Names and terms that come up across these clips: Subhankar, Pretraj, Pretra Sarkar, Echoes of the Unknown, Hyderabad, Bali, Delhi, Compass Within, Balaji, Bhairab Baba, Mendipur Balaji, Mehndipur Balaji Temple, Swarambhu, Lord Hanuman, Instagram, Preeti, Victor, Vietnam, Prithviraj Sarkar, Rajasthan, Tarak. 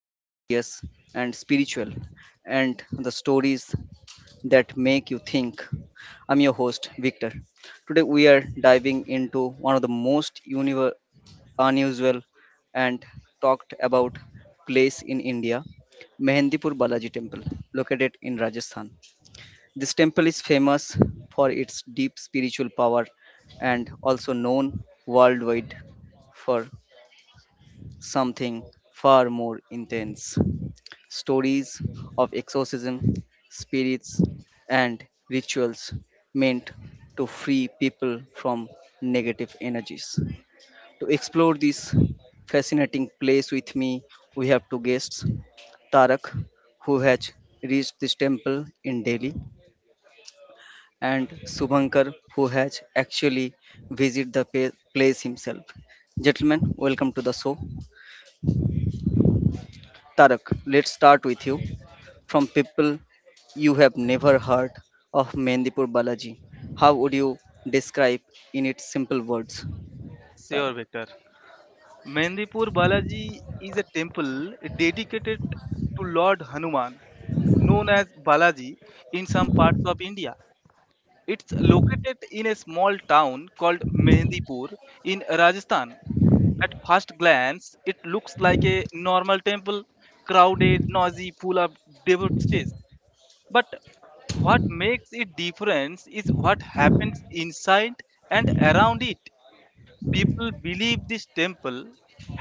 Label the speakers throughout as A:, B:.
A: the mysterious and spiritual and the stories that make you think. I'm your host, Victor. Today, we are diving into one of the most unusual and talked about place in India, Mehndipur Balaji Temple, located in Rajasthan. This temple is famous for its deep spiritual power and also known worldwide for something far more intense. Stories of exorcism, spirits, and rituals meant to free people from negative energies. To explore this fascinating place with me, we have two guests Tarak, who has reached this temple in Delhi, and Subhankar, who has actually visited the place himself. Gentlemen, welcome to the show. Tarak, let's start with you. From people you have never heard of Mendipur Balaji, how would you describe in its simple words,
B: Sure,
A: Tarak?
B: Victor. Mendipur Balaji is a temple dedicated to Lord Hanuman, known as Balaji in some parts of India. It's located in a small town called Mendipur in Rajasthan. At first glance, it looks like a normal temple, crowded, noisy, full of devotees. But what makes it different is what happens inside and around it. People believe this temple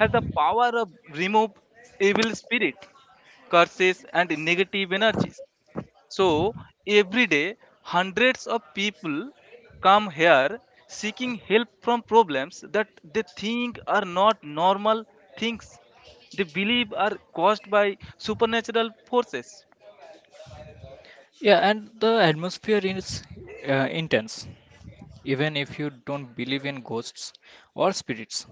B: has the power of remove evil spirit, curses and negative energies. So every day hundreds of people come here seeking help from problems that they think are not normal things. They believe are caused by supernatural forces.
C: Yeah, and the atmosphere is intense. Even if you don't believe in ghosts or spirits,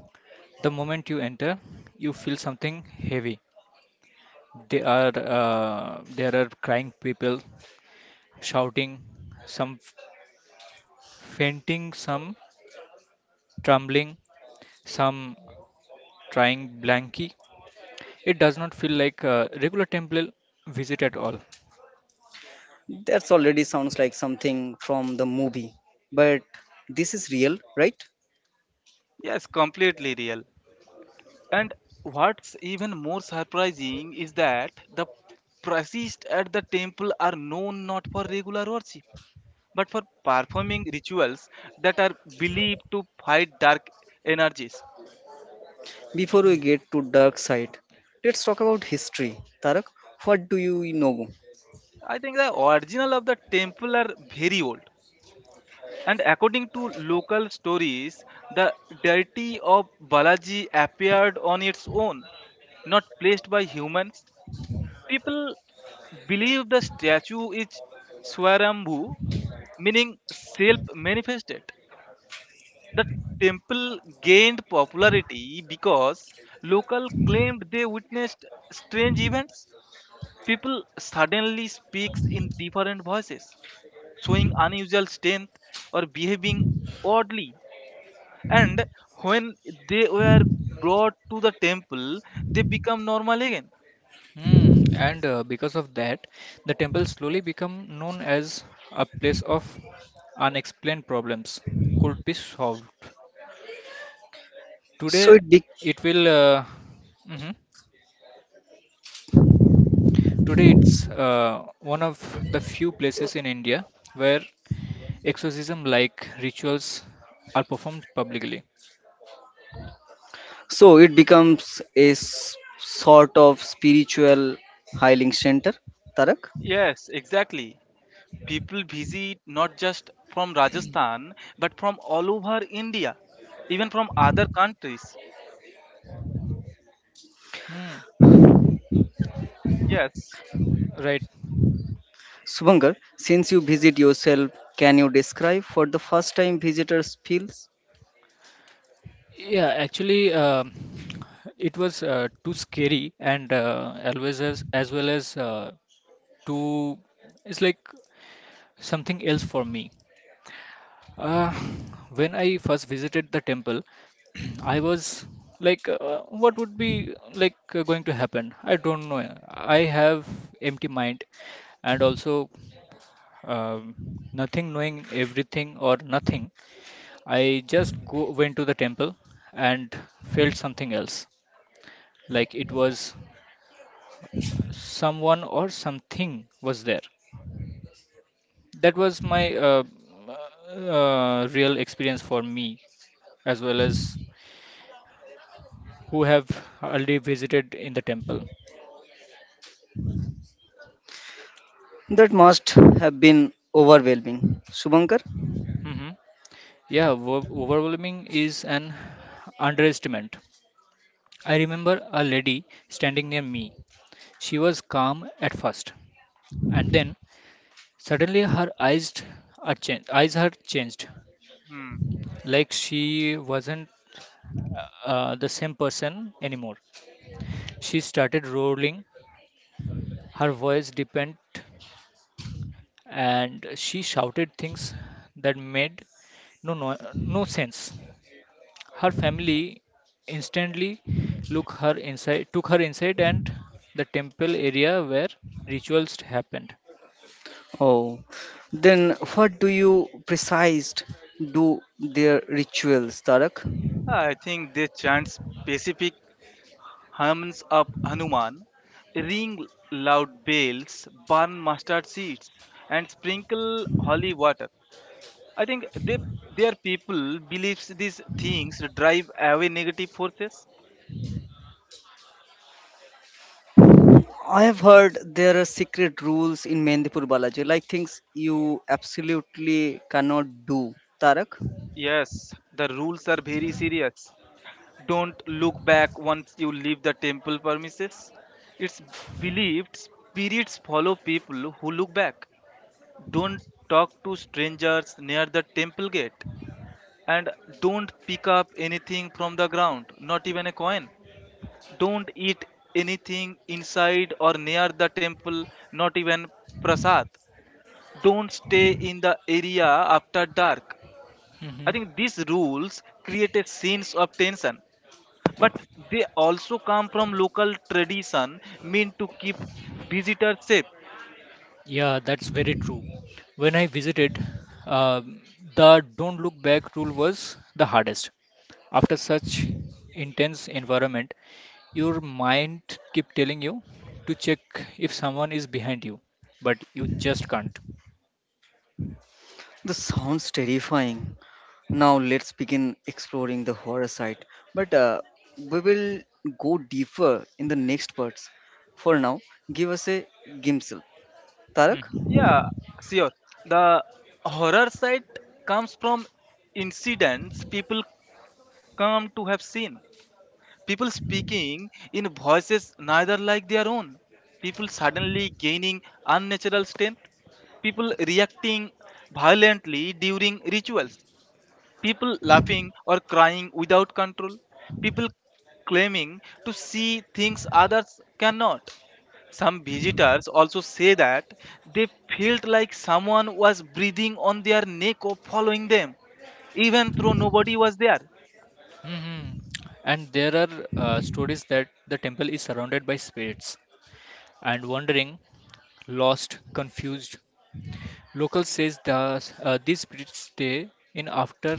C: the moment you enter, you feel something heavy. They are there are crying people, shouting, some fainting, some trembling, some trying blanky. It does not feel like a regular temple visit at all.
A: That's already sounds like something from the movie, but this is real, right?
B: Yes, completely real. And what's even more surprising is that the priests at the temple are known not for regular worship, but for performing rituals that are believed to fight dark energies.
A: Before we get to dark side, let's talk about history. Tarak, what do you know?
B: I think the original of the temple are very old. And according to local stories, the deity of Balaji appeared on its own, not placed by humans. People believe the statue is Swarambhu, meaning self manifested. The temple gained popularity because local claimed they witnessed strange events. People suddenly speaks in different voices, showing unusual strength or behaving oddly. And when they were brought to the temple, they become normal again.
C: Hmm, and because of that, the temple slowly became known as a place of unexplained problems could be solved.
A: So
C: Today,
A: it be-
C: it will. Mhm. Today, it's one of the few places in India where exorcism-like rituals are performed publicly.
A: So it becomes a sort of spiritual healing center. Tarak,
B: Yes, exactly. People visit not just from Rajasthan but from all over India, even from other countries.
C: Hmm,
B: Yes.
C: right.
A: Subankar, since you visit yourself, can you describe for the first time visitors feels?
C: Yeah, actually, it was too scary and always as well as too. It's like something else for me. Uh, when I first visited the temple, I was like, what would be like going to happen? I don't know. I have empty mind and also um, nothing knowing everything or nothing. I just go went to the temple and felt something else. Like it was someone or something was there. That was my real experience for me as well as who have already visited in the temple.
A: That must have been overwhelming. Subankar?
C: Hmm. Yeah, overwhelming is an underestimate. I remember a lady standing near me. She was calm at first, and then suddenly her eyes had changed,
B: Hmm.
C: like she wasn't the same person anymore. She started rolling, her voice deepened, and she shouted things that made no, no, no sense. Her family instantly took her inside and the temple area where rituals happened.
A: Oh, then what do you precise do their rituals, Tarak?
B: I think they chant specific hymns of Hanuman, ring loud bells, burn mustard seeds, and sprinkle holy water. I think they, their people believes these things drive away negative forces.
A: I have heard there are secret rules in Mendipur Balaji, like things you absolutely cannot do, Tarak.
B: Yes, the rules are very serious. Don't look back once you leave the temple premises. It's believed spirits follow people who look back. Don't talk to strangers near the temple gate. And don't pick up anything from the ground, not even a coin. Don't eat anything inside or near the temple, not even prasad. Don't stay in the area after dark. I
C: Hmm.
B: think these rules create a sense of tension, but they also come from local tradition meant to keep visitors safe.
C: Yeah, that's very true. When I visited, um the don't look back rule was the hardest. After such intense environment, your mind keep telling you to check if someone is behind you, but you just can't.
A: This sounds terrifying. Now let's begin exploring the horror side. But we will go deeper in the next parts. For now, give us a glimpse. Tarak,
C: Mhm.
B: Yeah, sure. The horror side comes from incidents people come to have seen: people speaking in voices neither like their own, people suddenly gaining unnatural strength, people reacting violently during rituals, people laughing or crying without control, people claiming to see things others cannot. Some visitors also say that they felt like someone was breathing on their neck or following them, even though nobody was there.
C: Mhm. And there are stories that the temple is surrounded by spirits and wandering, lost, confused. Locals says these spirits stay in after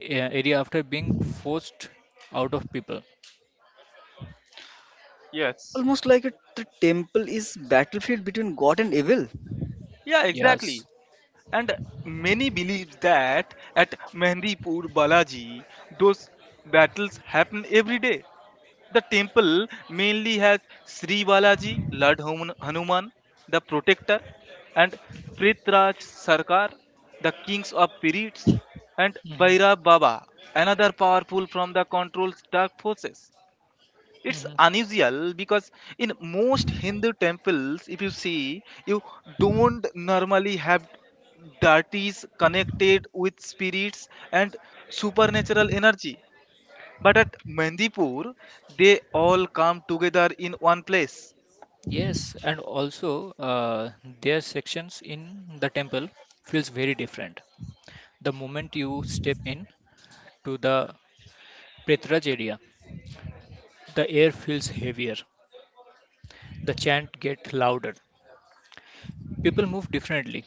C: area after being forced out of people.
B: Yes.
A: almost like it, the temple is battlefield between God and evil.
B: Yeah,
C: Yes.
B: exactly. And many believe that at Mehendipur Balaji, those battles happen every day. The temple mainly has Sri Balaji, Lord Hanuman, the protector, and Prithviraj Sarkar, the kings of periods, and
C: Hmm.
B: Bhairab Baba, another powerful from the controlled dark forces. It's
C: Hmm.
B: unusual because in most Hindu temples, if you see, you don't normally have deities connected with spirits and supernatural energy. But at Mendipur, they all come together in one place.
C: Yes, and also uh, their sections in the temple feels very different. The moment you step in to the Pretraj area, the air feels heavier. The chant gets louder. People move differently.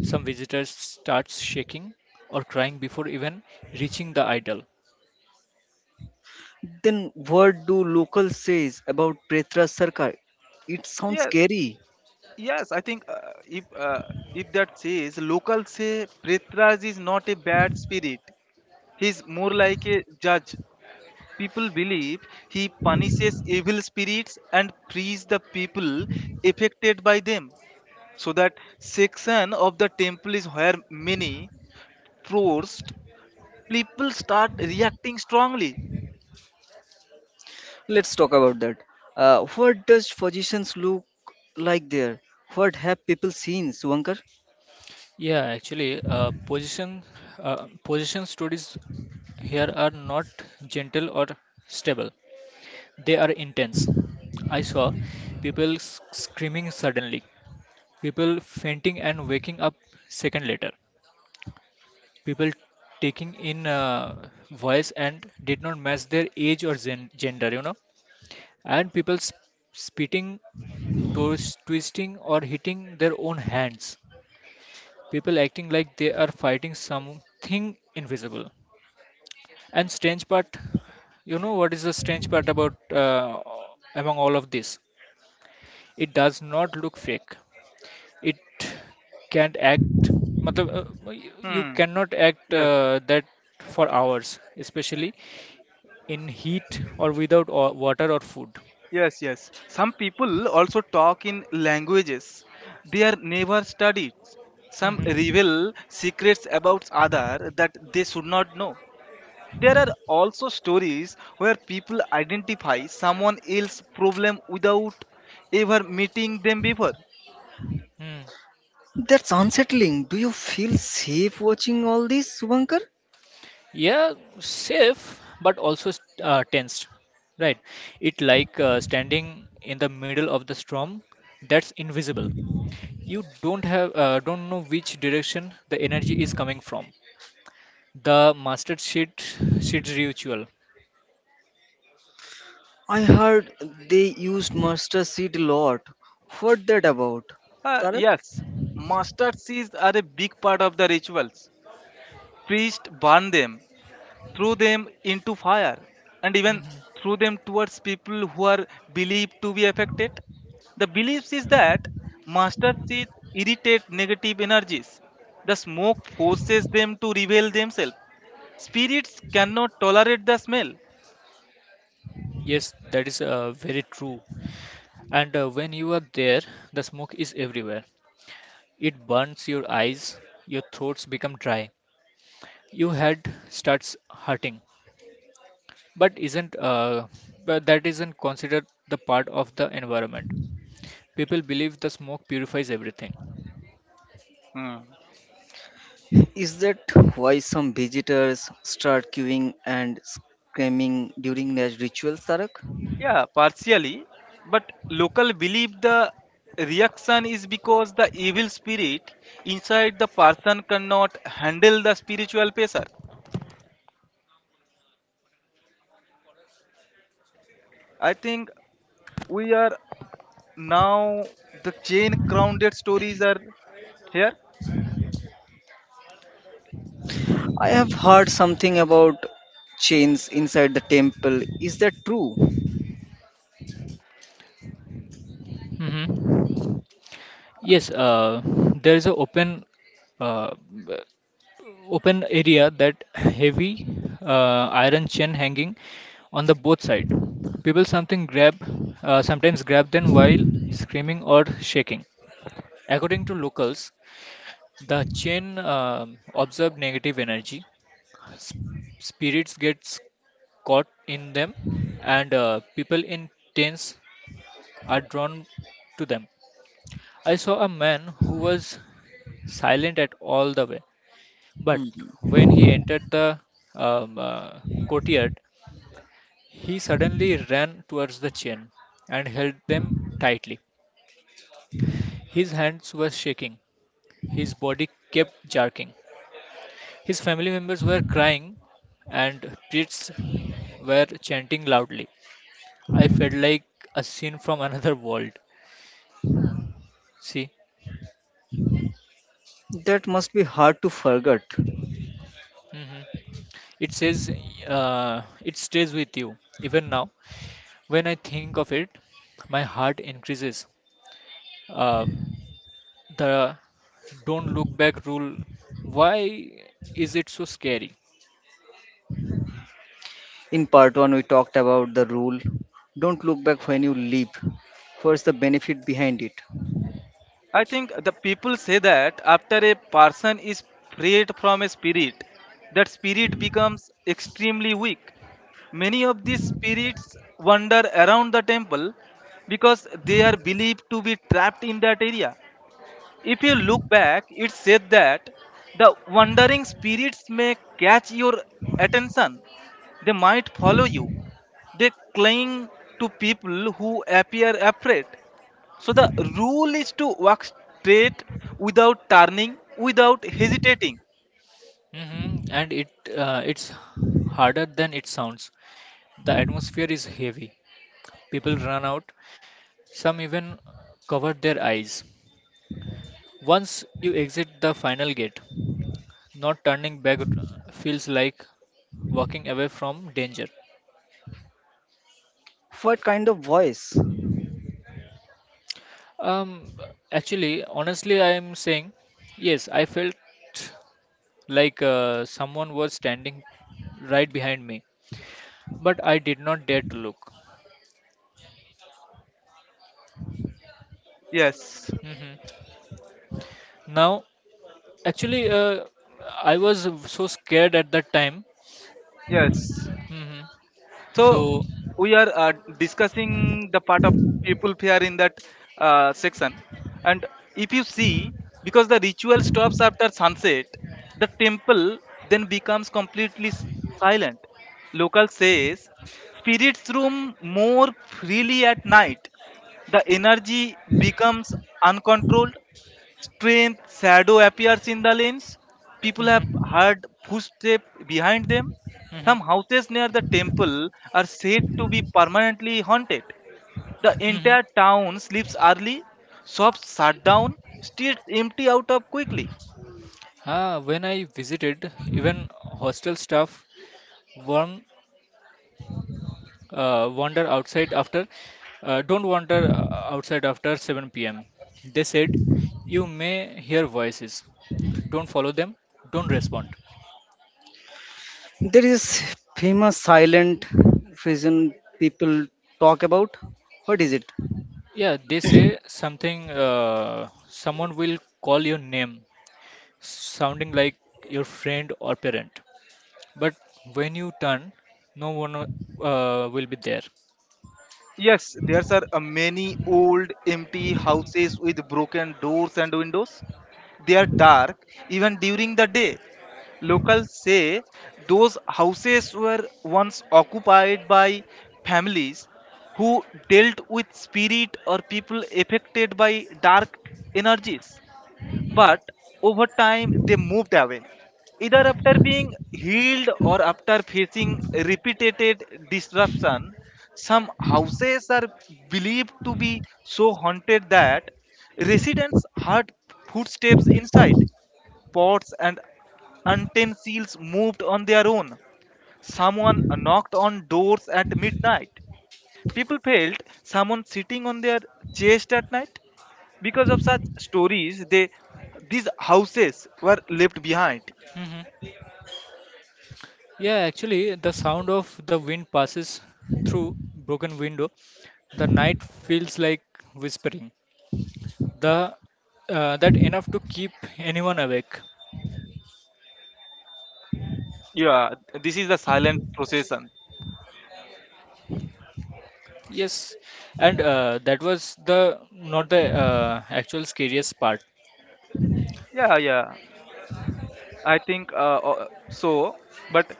C: Some visitors start shaking or crying before even reaching the idol.
A: Then what do local says about Pretra Sarkar? It sounds
B: Yeah,
A: scary.
B: yes, I think if that says locals say Prithviraj is not a bad spirit. He's more like a judge. People believe he punishes evil spirits and frees the people affected by them. So that section of the temple is where many forced people start reacting strongly.
A: Let's talk about that. What does physicians look like there? What have people seen, Suvankar?
C: Yeah, actually, position stories here are not gentle or stable. They are intense. I saw people screaming suddenly, people fainting and waking up second later, people taking in voice and did not match their age or gender. And people spitting, twisting, or hitting their own hands. People acting like they are fighting something invisible. And strange part, you know what is the strange part about among all of this? It does not look fake. It can't act. मतलब, you
B: Hmm.
C: cannot act
B: Yes.
C: that for hours, especially in heat or without water or food.
B: Yes, yes. Some people also talk in languages they are never studied. Some
C: Mm-hmm.
B: reveal secrets about other that they should not know. There are also stories where people identify someone else's problem without ever meeting them before.
C: Hmm.
A: That's unsettling. Do you feel safe watching all this, Subankar?
C: Yeah, safe but also tensed, right? It like standing in the middle of the storm that's invisible. You don't have don't know which direction the energy is coming from. The mastered sheet ritual.
A: I heard they used mustard seed a lot. What that about?
B: Uh,
A: Tarak?
B: yes, mustard seeds are a big part of the rituals. Priests burn them, threw them into fire, and even
C: Mhm.
B: threw them towards people who are believed to be affected. The belief is that master seeds irritate negative energies. The smoke forces them to reveal themselves. Spirits cannot tolerate the smell.
C: Yes, that is very true. And when you are there, the smoke is everywhere. It burns your eyes, your throats become dry, your head starts hurting. But isn't but that isn't considered the part of the environment. People believe the smoke purifies everything.
B: Hmm.
A: Is that why some visitors start queuing and screaming during their rituals, Tarak?
B: Yeah, partially. But local believe the reaction is because the evil spirit inside the person cannot handle the spiritual pressure. I think we are now the chain grounded stories are here.
A: I have heard something about chains inside the temple. Is that true?
C: Hmm. Yes, there is an uh, b- open area that heavy iron chain hanging on the both side. People something grab sometimes grab them while screaming or shaking. According to locals, the chain observed negative energy. s- Spirits gets caught in them, and people in tents are drawn to them. I saw a man who was silent at all the way, but
A: Hmm.
C: when he entered the um, uh, courtyard, he suddenly ran towards the chain and held them tightly. His hands were shaking, his body kept jerking. His family members were crying, and priests were chanting loudly. I felt like a scene from another world. See,
A: That must be hard to forget.
C: hmm, it says, it stays with you. Even now, when I think of it, my heart increases. Um, the don't look back rule, why is it so scary?
A: In part 1, we talked about the rule don't look back when you leap. What's the benefit behind it?
B: I think the people say that after a person is freed from a spirit, that spirit becomes extremely weak. Many of these spirits wander around the temple because they are believed to be trapped in that area. If you look back, it said that the wandering spirits may catch your attention. They might follow you, they cling to people who appear afraid. So the rule is to walk straight without turning, without hesitating.
C: Hmm. And it's harder than it sounds. The atmosphere is heavy. People run out. Some even cover their eyes. Once you exit the final gate, not turning back feels like walking away from danger.
A: What kind of voice?
C: Um, Actually, honestly, I am saying yes, I felt like someone was standing right behind me, but I did not dare to look.
B: Yes,
C: Hmm. Now, actually, I was so scared at that time.
B: yes.
C: Hmm.
B: So,
C: So.
B: we are discussing the part of people fear in that section, and if you see, because the ritual stops after sunset, the temple then becomes completely silent. Local says spirits roam more freely at night. The energy becomes uncontrolled strength, shadow appears in the lanes. People
C: Hmm.
B: have heard footsteps behind them. Some
C: Hmm.
B: houses near the temple are said to be permanently haunted. The
C: Hmm.
B: entire town sleeps early, shops shut down, streets empty out of quickly.
C: Ah, when I visited, even hostel staff weren't wander outside after, don't wander outside after 7 pm. They said, "You may hear voices. Don't follow them. Don't respond."
A: There is famous silent vision people talk about. What is it?
C: Yeah, they say someone will call your name, sounding like your friend or parent. But when you turn, no one will be there.
B: Yes, there are many old empty houses with broken doors and windows. They are dark even during the day. Locals say those houses were once occupied by families who dealt with spirit or people affected by dark energies. But over time, they moved away, either after being healed or after facing repeated disruption. Some houses are believed to be so haunted that residents heard footsteps inside, pots and untamed seals moved on their own. Someone knocked on doors at midnight. People felt someone sitting on their chest at night. Because of such stories, they these houses were left behind.
C: Hmm. Yeah, actually, the sound of the wind passes through broken window. The night feels like whispering. The That enough to keep anyone awake.
B: Yeah, this is the silent procession.
C: Yes, and that was the not the actual scariest part.
B: Yeah, yeah. I think but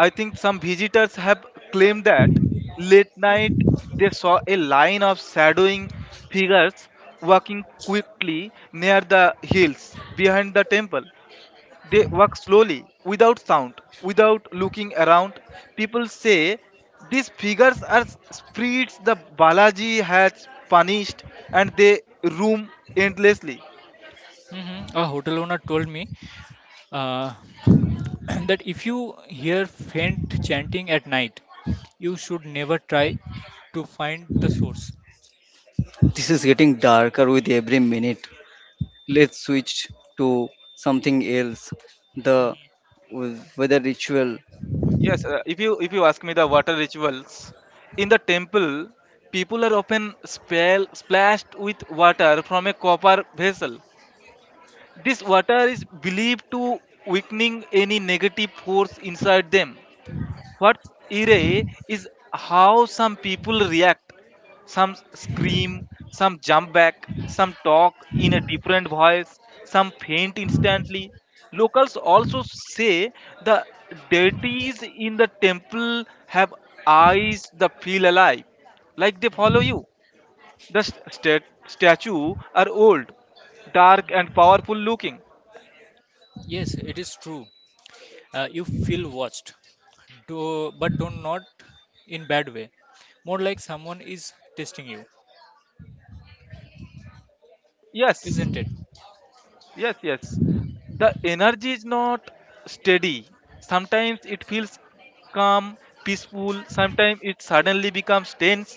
B: I think some visitors have claimed that late night they saw a line of shadowing figures walking quickly near the hills behind the temple. They walk slowly, without sound, without looking around. People say these figures are spirits the Balaji has punished, and they roam endlessly.
C: Hmm, a hotel owner told me uh, that if you hear faint chanting at night, you should never try to find the source.
A: This is getting darker with every minute. Let's switch to something else. The
C: Mhm,
A: weather ritual.
B: Yes, if you ask me, the water rituals in the temple, people are often splashed with water from a copper vessel. This water is believed to weakening any negative force inside them. What's irre is how some people react. Some scream, some jump back, some talk in a different voice, some faint instantly. Locals also say the deities in the temple have eyes that feel alive, like they
C: mhm,
B: follow you. The statue are old, dark,
C: mhm.
B: and powerful looking.
C: Yes, it is true. You feel watched, do, but do not in bad way. More like someone is testing you,
B: Yes,
C: isn't it?
B: yes, the energy is not steady. Sometimes it feels calm, peaceful. Sometimes it suddenly becomes tense.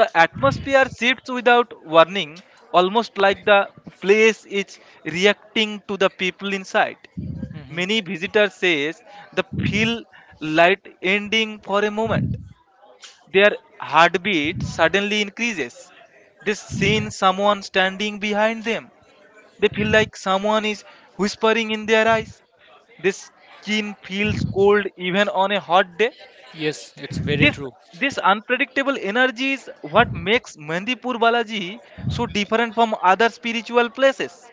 B: The atmosphere shifts without warning, almost like the place is reacting to the people inside.
C: Hmm.
B: Many visitors says the feel light ending for a moment, their heartbeat suddenly increases, they seen someone standing behind them, they feel like someone is whispering in their eyes. This skin feels cold even on a hot day.
C: Yes, it's very
B: This
C: true.
B: this unpredictable energy is what makes Mandipur Balaji so different from other spiritual places.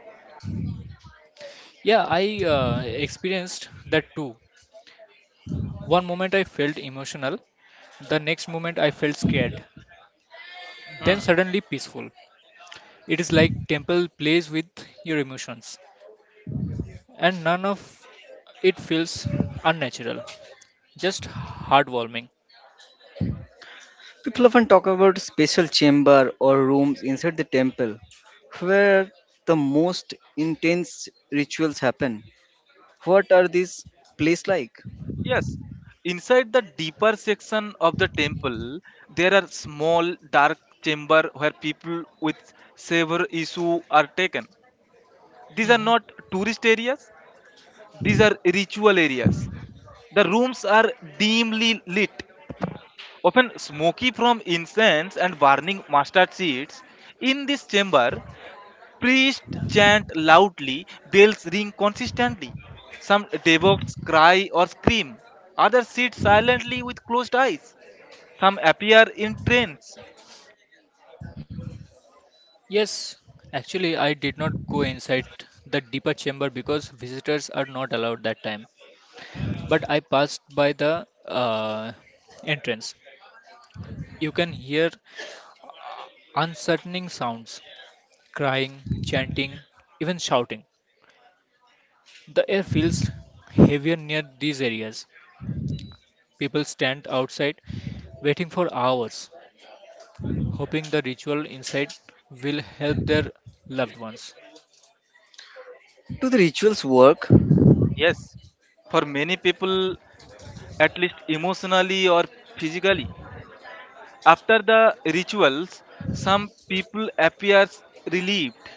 C: Yeah, I uh, experienced that too. One moment I felt emotional, the next moment I felt scared, then
B: Hmm.
C: suddenly peaceful. It is like temple plays with your emotions, and none of it feels unnatural, just heartwarming.
A: People often talk about special chamber or rooms inside the temple where the most intense rituals happen. What are these places like?
B: Yes. Inside the deeper section of the temple, there are small dark chamber where people with severe issue are taken. These are
C: Hmm.
B: not tourist areas. These are ritual areas. The rooms are dimly lit, often smoky from incense and burning mustard seeds. In this chamber, priests chant loudly, bells ring consistently. Some devotees cry or scream, others sit silently with closed eyes. Some appear in trance.
C: Yes, actually, I did not go inside the deeper chamber because visitors are not allowed that time. But I passed by the uh, entrance. You can hear uh, uncertaining sounds, crying, chanting, even shouting. The air feels heavier near these areas. People stand outside waiting for hours, hoping the ritual inside will help their loved ones.
A: Do the rituals work?
B: Yes, for many people, at least emotionally or physically. After the rituals, some people appear relieved,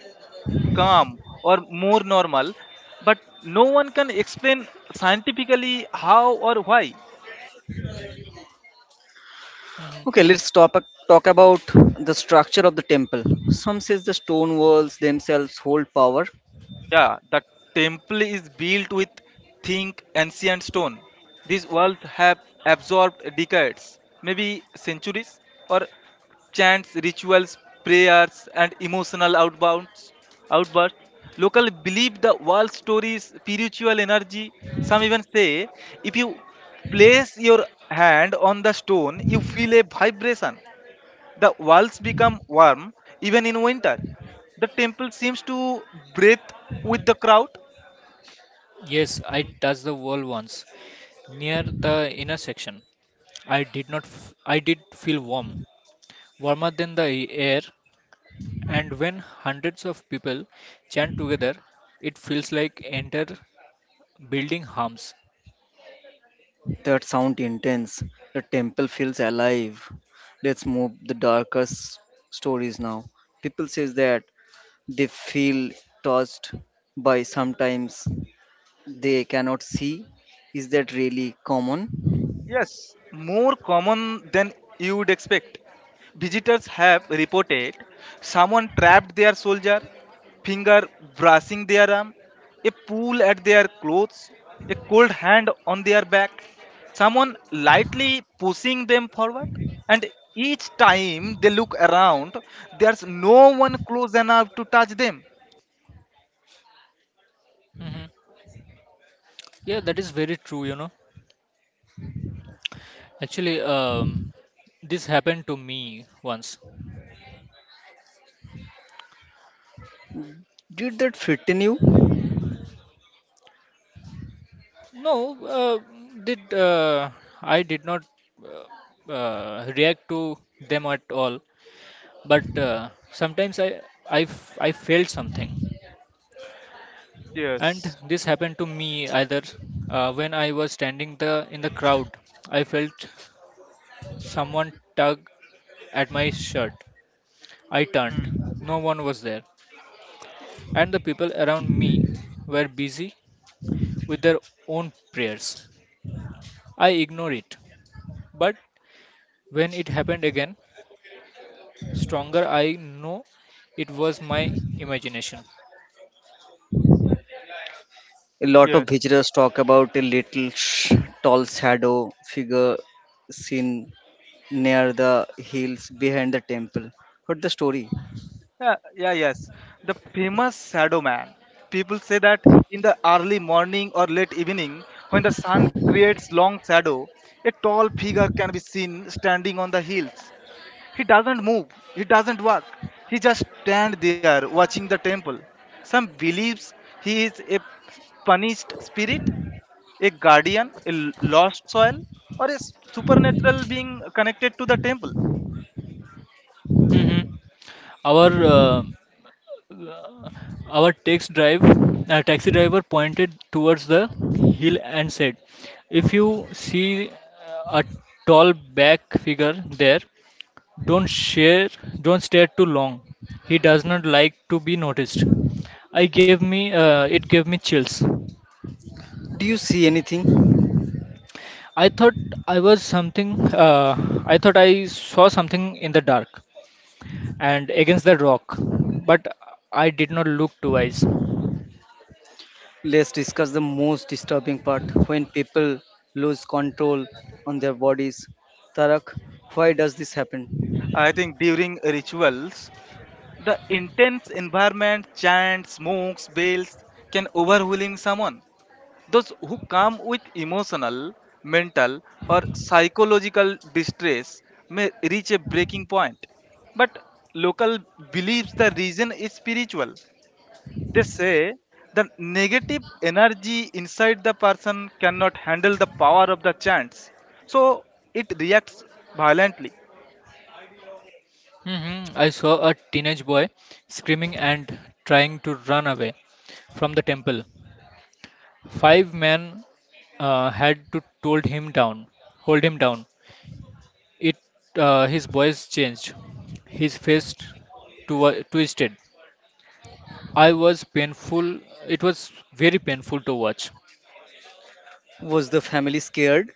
B: calm or more normal, but no one can explain scientifically how or why.
C: Mhm.
A: Okay, let's stop talk about the structure of the temple. Some says the stone walls themselves hold power.
B: Yeah, the temple is built with thick ancient stone. These walls have absorbed decades, maybe centuries, or chants, rituals, prayers, and outbursts. Local believe the wall stories, spiritual energy. Some even say if you place your hand on the stone, you feel a vibration. The walls become warm even in winter. The temple seems to breathe with the crowd.
C: Yes, I touched the wall once near the inner section. I did not f- I did feel warm, warmer than the air, and when hundreds of people chant together, it feels like enter building harms.
A: That sound intense. The temple feels alive. Let's move the darkest stories now. People says that they feel touched by sometimes they cannot see. Is that really common?
B: Yes, more common than you would expect. Visitors have reported someone trapped their soldier, finger brushing their arm, a pull at their clothes, a cold hand on their back, someone lightly pushing them forward. And each time they look around, there's no one close enough to touch them.
C: Hmm, yeah, that is very true. Actually, this happened to me once.
A: Did that frighten you?
C: No, uh, did I did not uh, react to them at all. But sometimes I felt something. And
B: Yes.
C: this happened to me either, when I was standing the in the crowd, I felt someone tug at my shirt. I turned, no one was there, and the people around me were busy with their own prayers. I ignored it. But when it happened again, stronger, I know it was my imagination.
A: A lot
B: Yes.
A: of visitors talk about a little tall shadow figure seen near the hills behind the temple. What's the story?
B: Yeah, yes. The famous shadow man. People say that in the early morning or late evening, when the sun creates long shadow, a tall figure can be seen standing on the hills. He doesn't move, he doesn't walk. He just stands there watching the temple. Some believes he is a punished spirit, a guardian, a lost soul, or a supernatural being connected to the temple.
C: Hmm. Our uh, our taxi driver pointed towards the hill and said, "If you see a tall black figure there, Don't share don't stare too long. He does not like to be noticed. I gave me it gave me chills."
A: Do you see anything?
C: I thought I thought I saw something in the dark and against the rock, but I did not look twice.
A: Let's discuss the most disturbing part when people lose control on their bodies. Tarak, why does this happen?
B: I think during rituals, the intense environment, chants, smokes, bells can overwhelm someone. Those who come with emotional, mental, or psychological distress may reach a breaking point. But local believes the reason is spiritual. They say the negative energy inside the person cannot handle the power of the chants, so it reacts violently.
C: Hmm. I saw a teenage boy screaming and trying to run away from the temple. Five men had to hold him down. It his voice changed. His face twisted. I was painful. It was very painful to watch.
A: Was the family scared?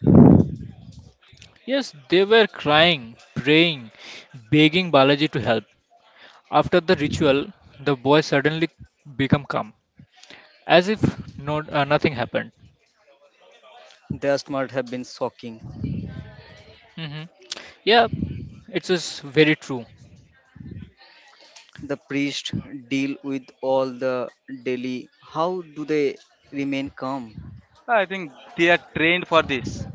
C: Yes, they were crying, praying, begging Balaji to help. After the ritual, the boy suddenly became calm, as if no, nothing happened.
A: That must have been shocking.
C: Hmm. Yeah, it is very true.
A: The priest deal with all the daily, how do they remain calm?
B: I think they are trained for this.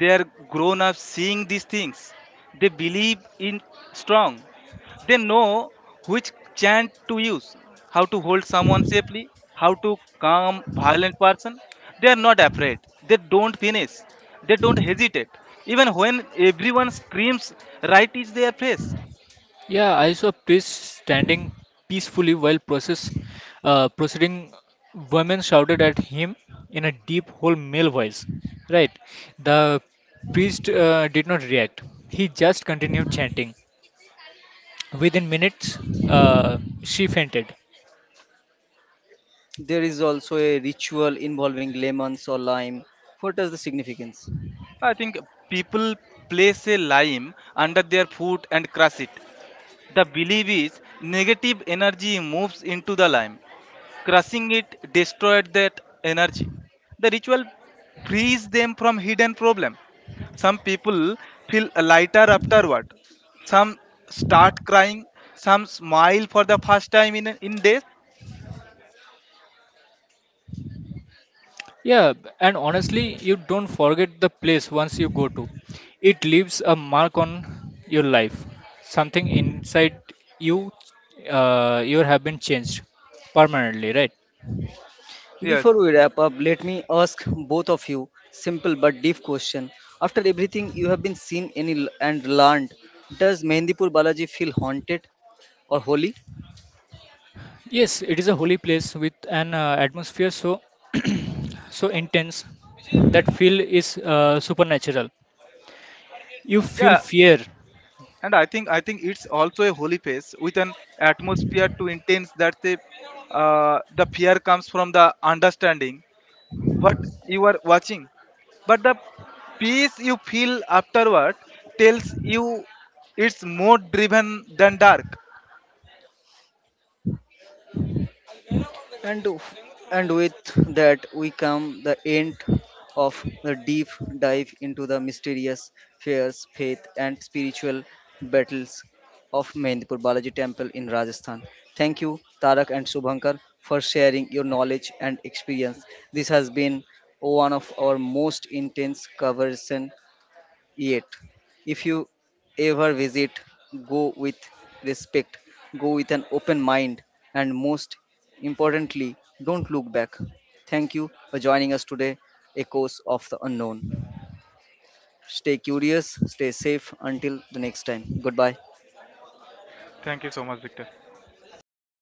B: They are grown up seeing these things. They believe in strong. They know which chant to use, how to hold someone safely, how to calm violent person. They are not afraid. They don't finish. They don't hesitate. Even when everyone screams, right is their face.
C: Yeah, I saw priests standing peacefully while process proceeding. Women shouted at him in a deep, whole male voice. Right. The priest did not react. He just continued chanting. Within minutes, uh, she fainted.
A: There is also a ritual involving lemons or lime. What is the significance?
B: I think people place a lime under their foot and crush it. The belief is negative energy moves into the lime, crushing it, destroyed that energy. The ritual frees them from hidden problem. Some people feel lighter afterward. Some start crying. Some smile for the first time in days.
C: Yeah, and honestly, you don't forget the place once you go to. It leaves a mark on your life. Something inside you, you have been changed permanently, right?
B: Yes.
A: Before we wrap up, let me ask both of you simple but deep question. After everything you have been seen any and learned, does Mehndipur Balaji feel haunted or holy?
C: Yes, it is a holy place with an atmosphere so so intense that feel is supernatural. You feel
B: Yeah.
C: fear.
B: And I think it's also a holy phase with an atmosphere too intense that the fear comes from the understanding what you are watching, but the peace you feel afterward tells you it's more driven than dark.
A: And, do- and with that, we come the end of the deep dive into the mysterious fears, faith, and spiritual battles of Mehndipur Balaji Temple in Rajasthan. Thank you, Tarak and Subhankar, for sharing your knowledge and experience. This has been one of our most intense conversation yet. If you ever visit, go with respect, go with an open mind, and most importantly, don't look back. Thank you for joining us today, Echoes of the Unknown. Stay curious, stay safe until the next time. Goodbye.
B: Thank you so much, Victor.
C: Thank you.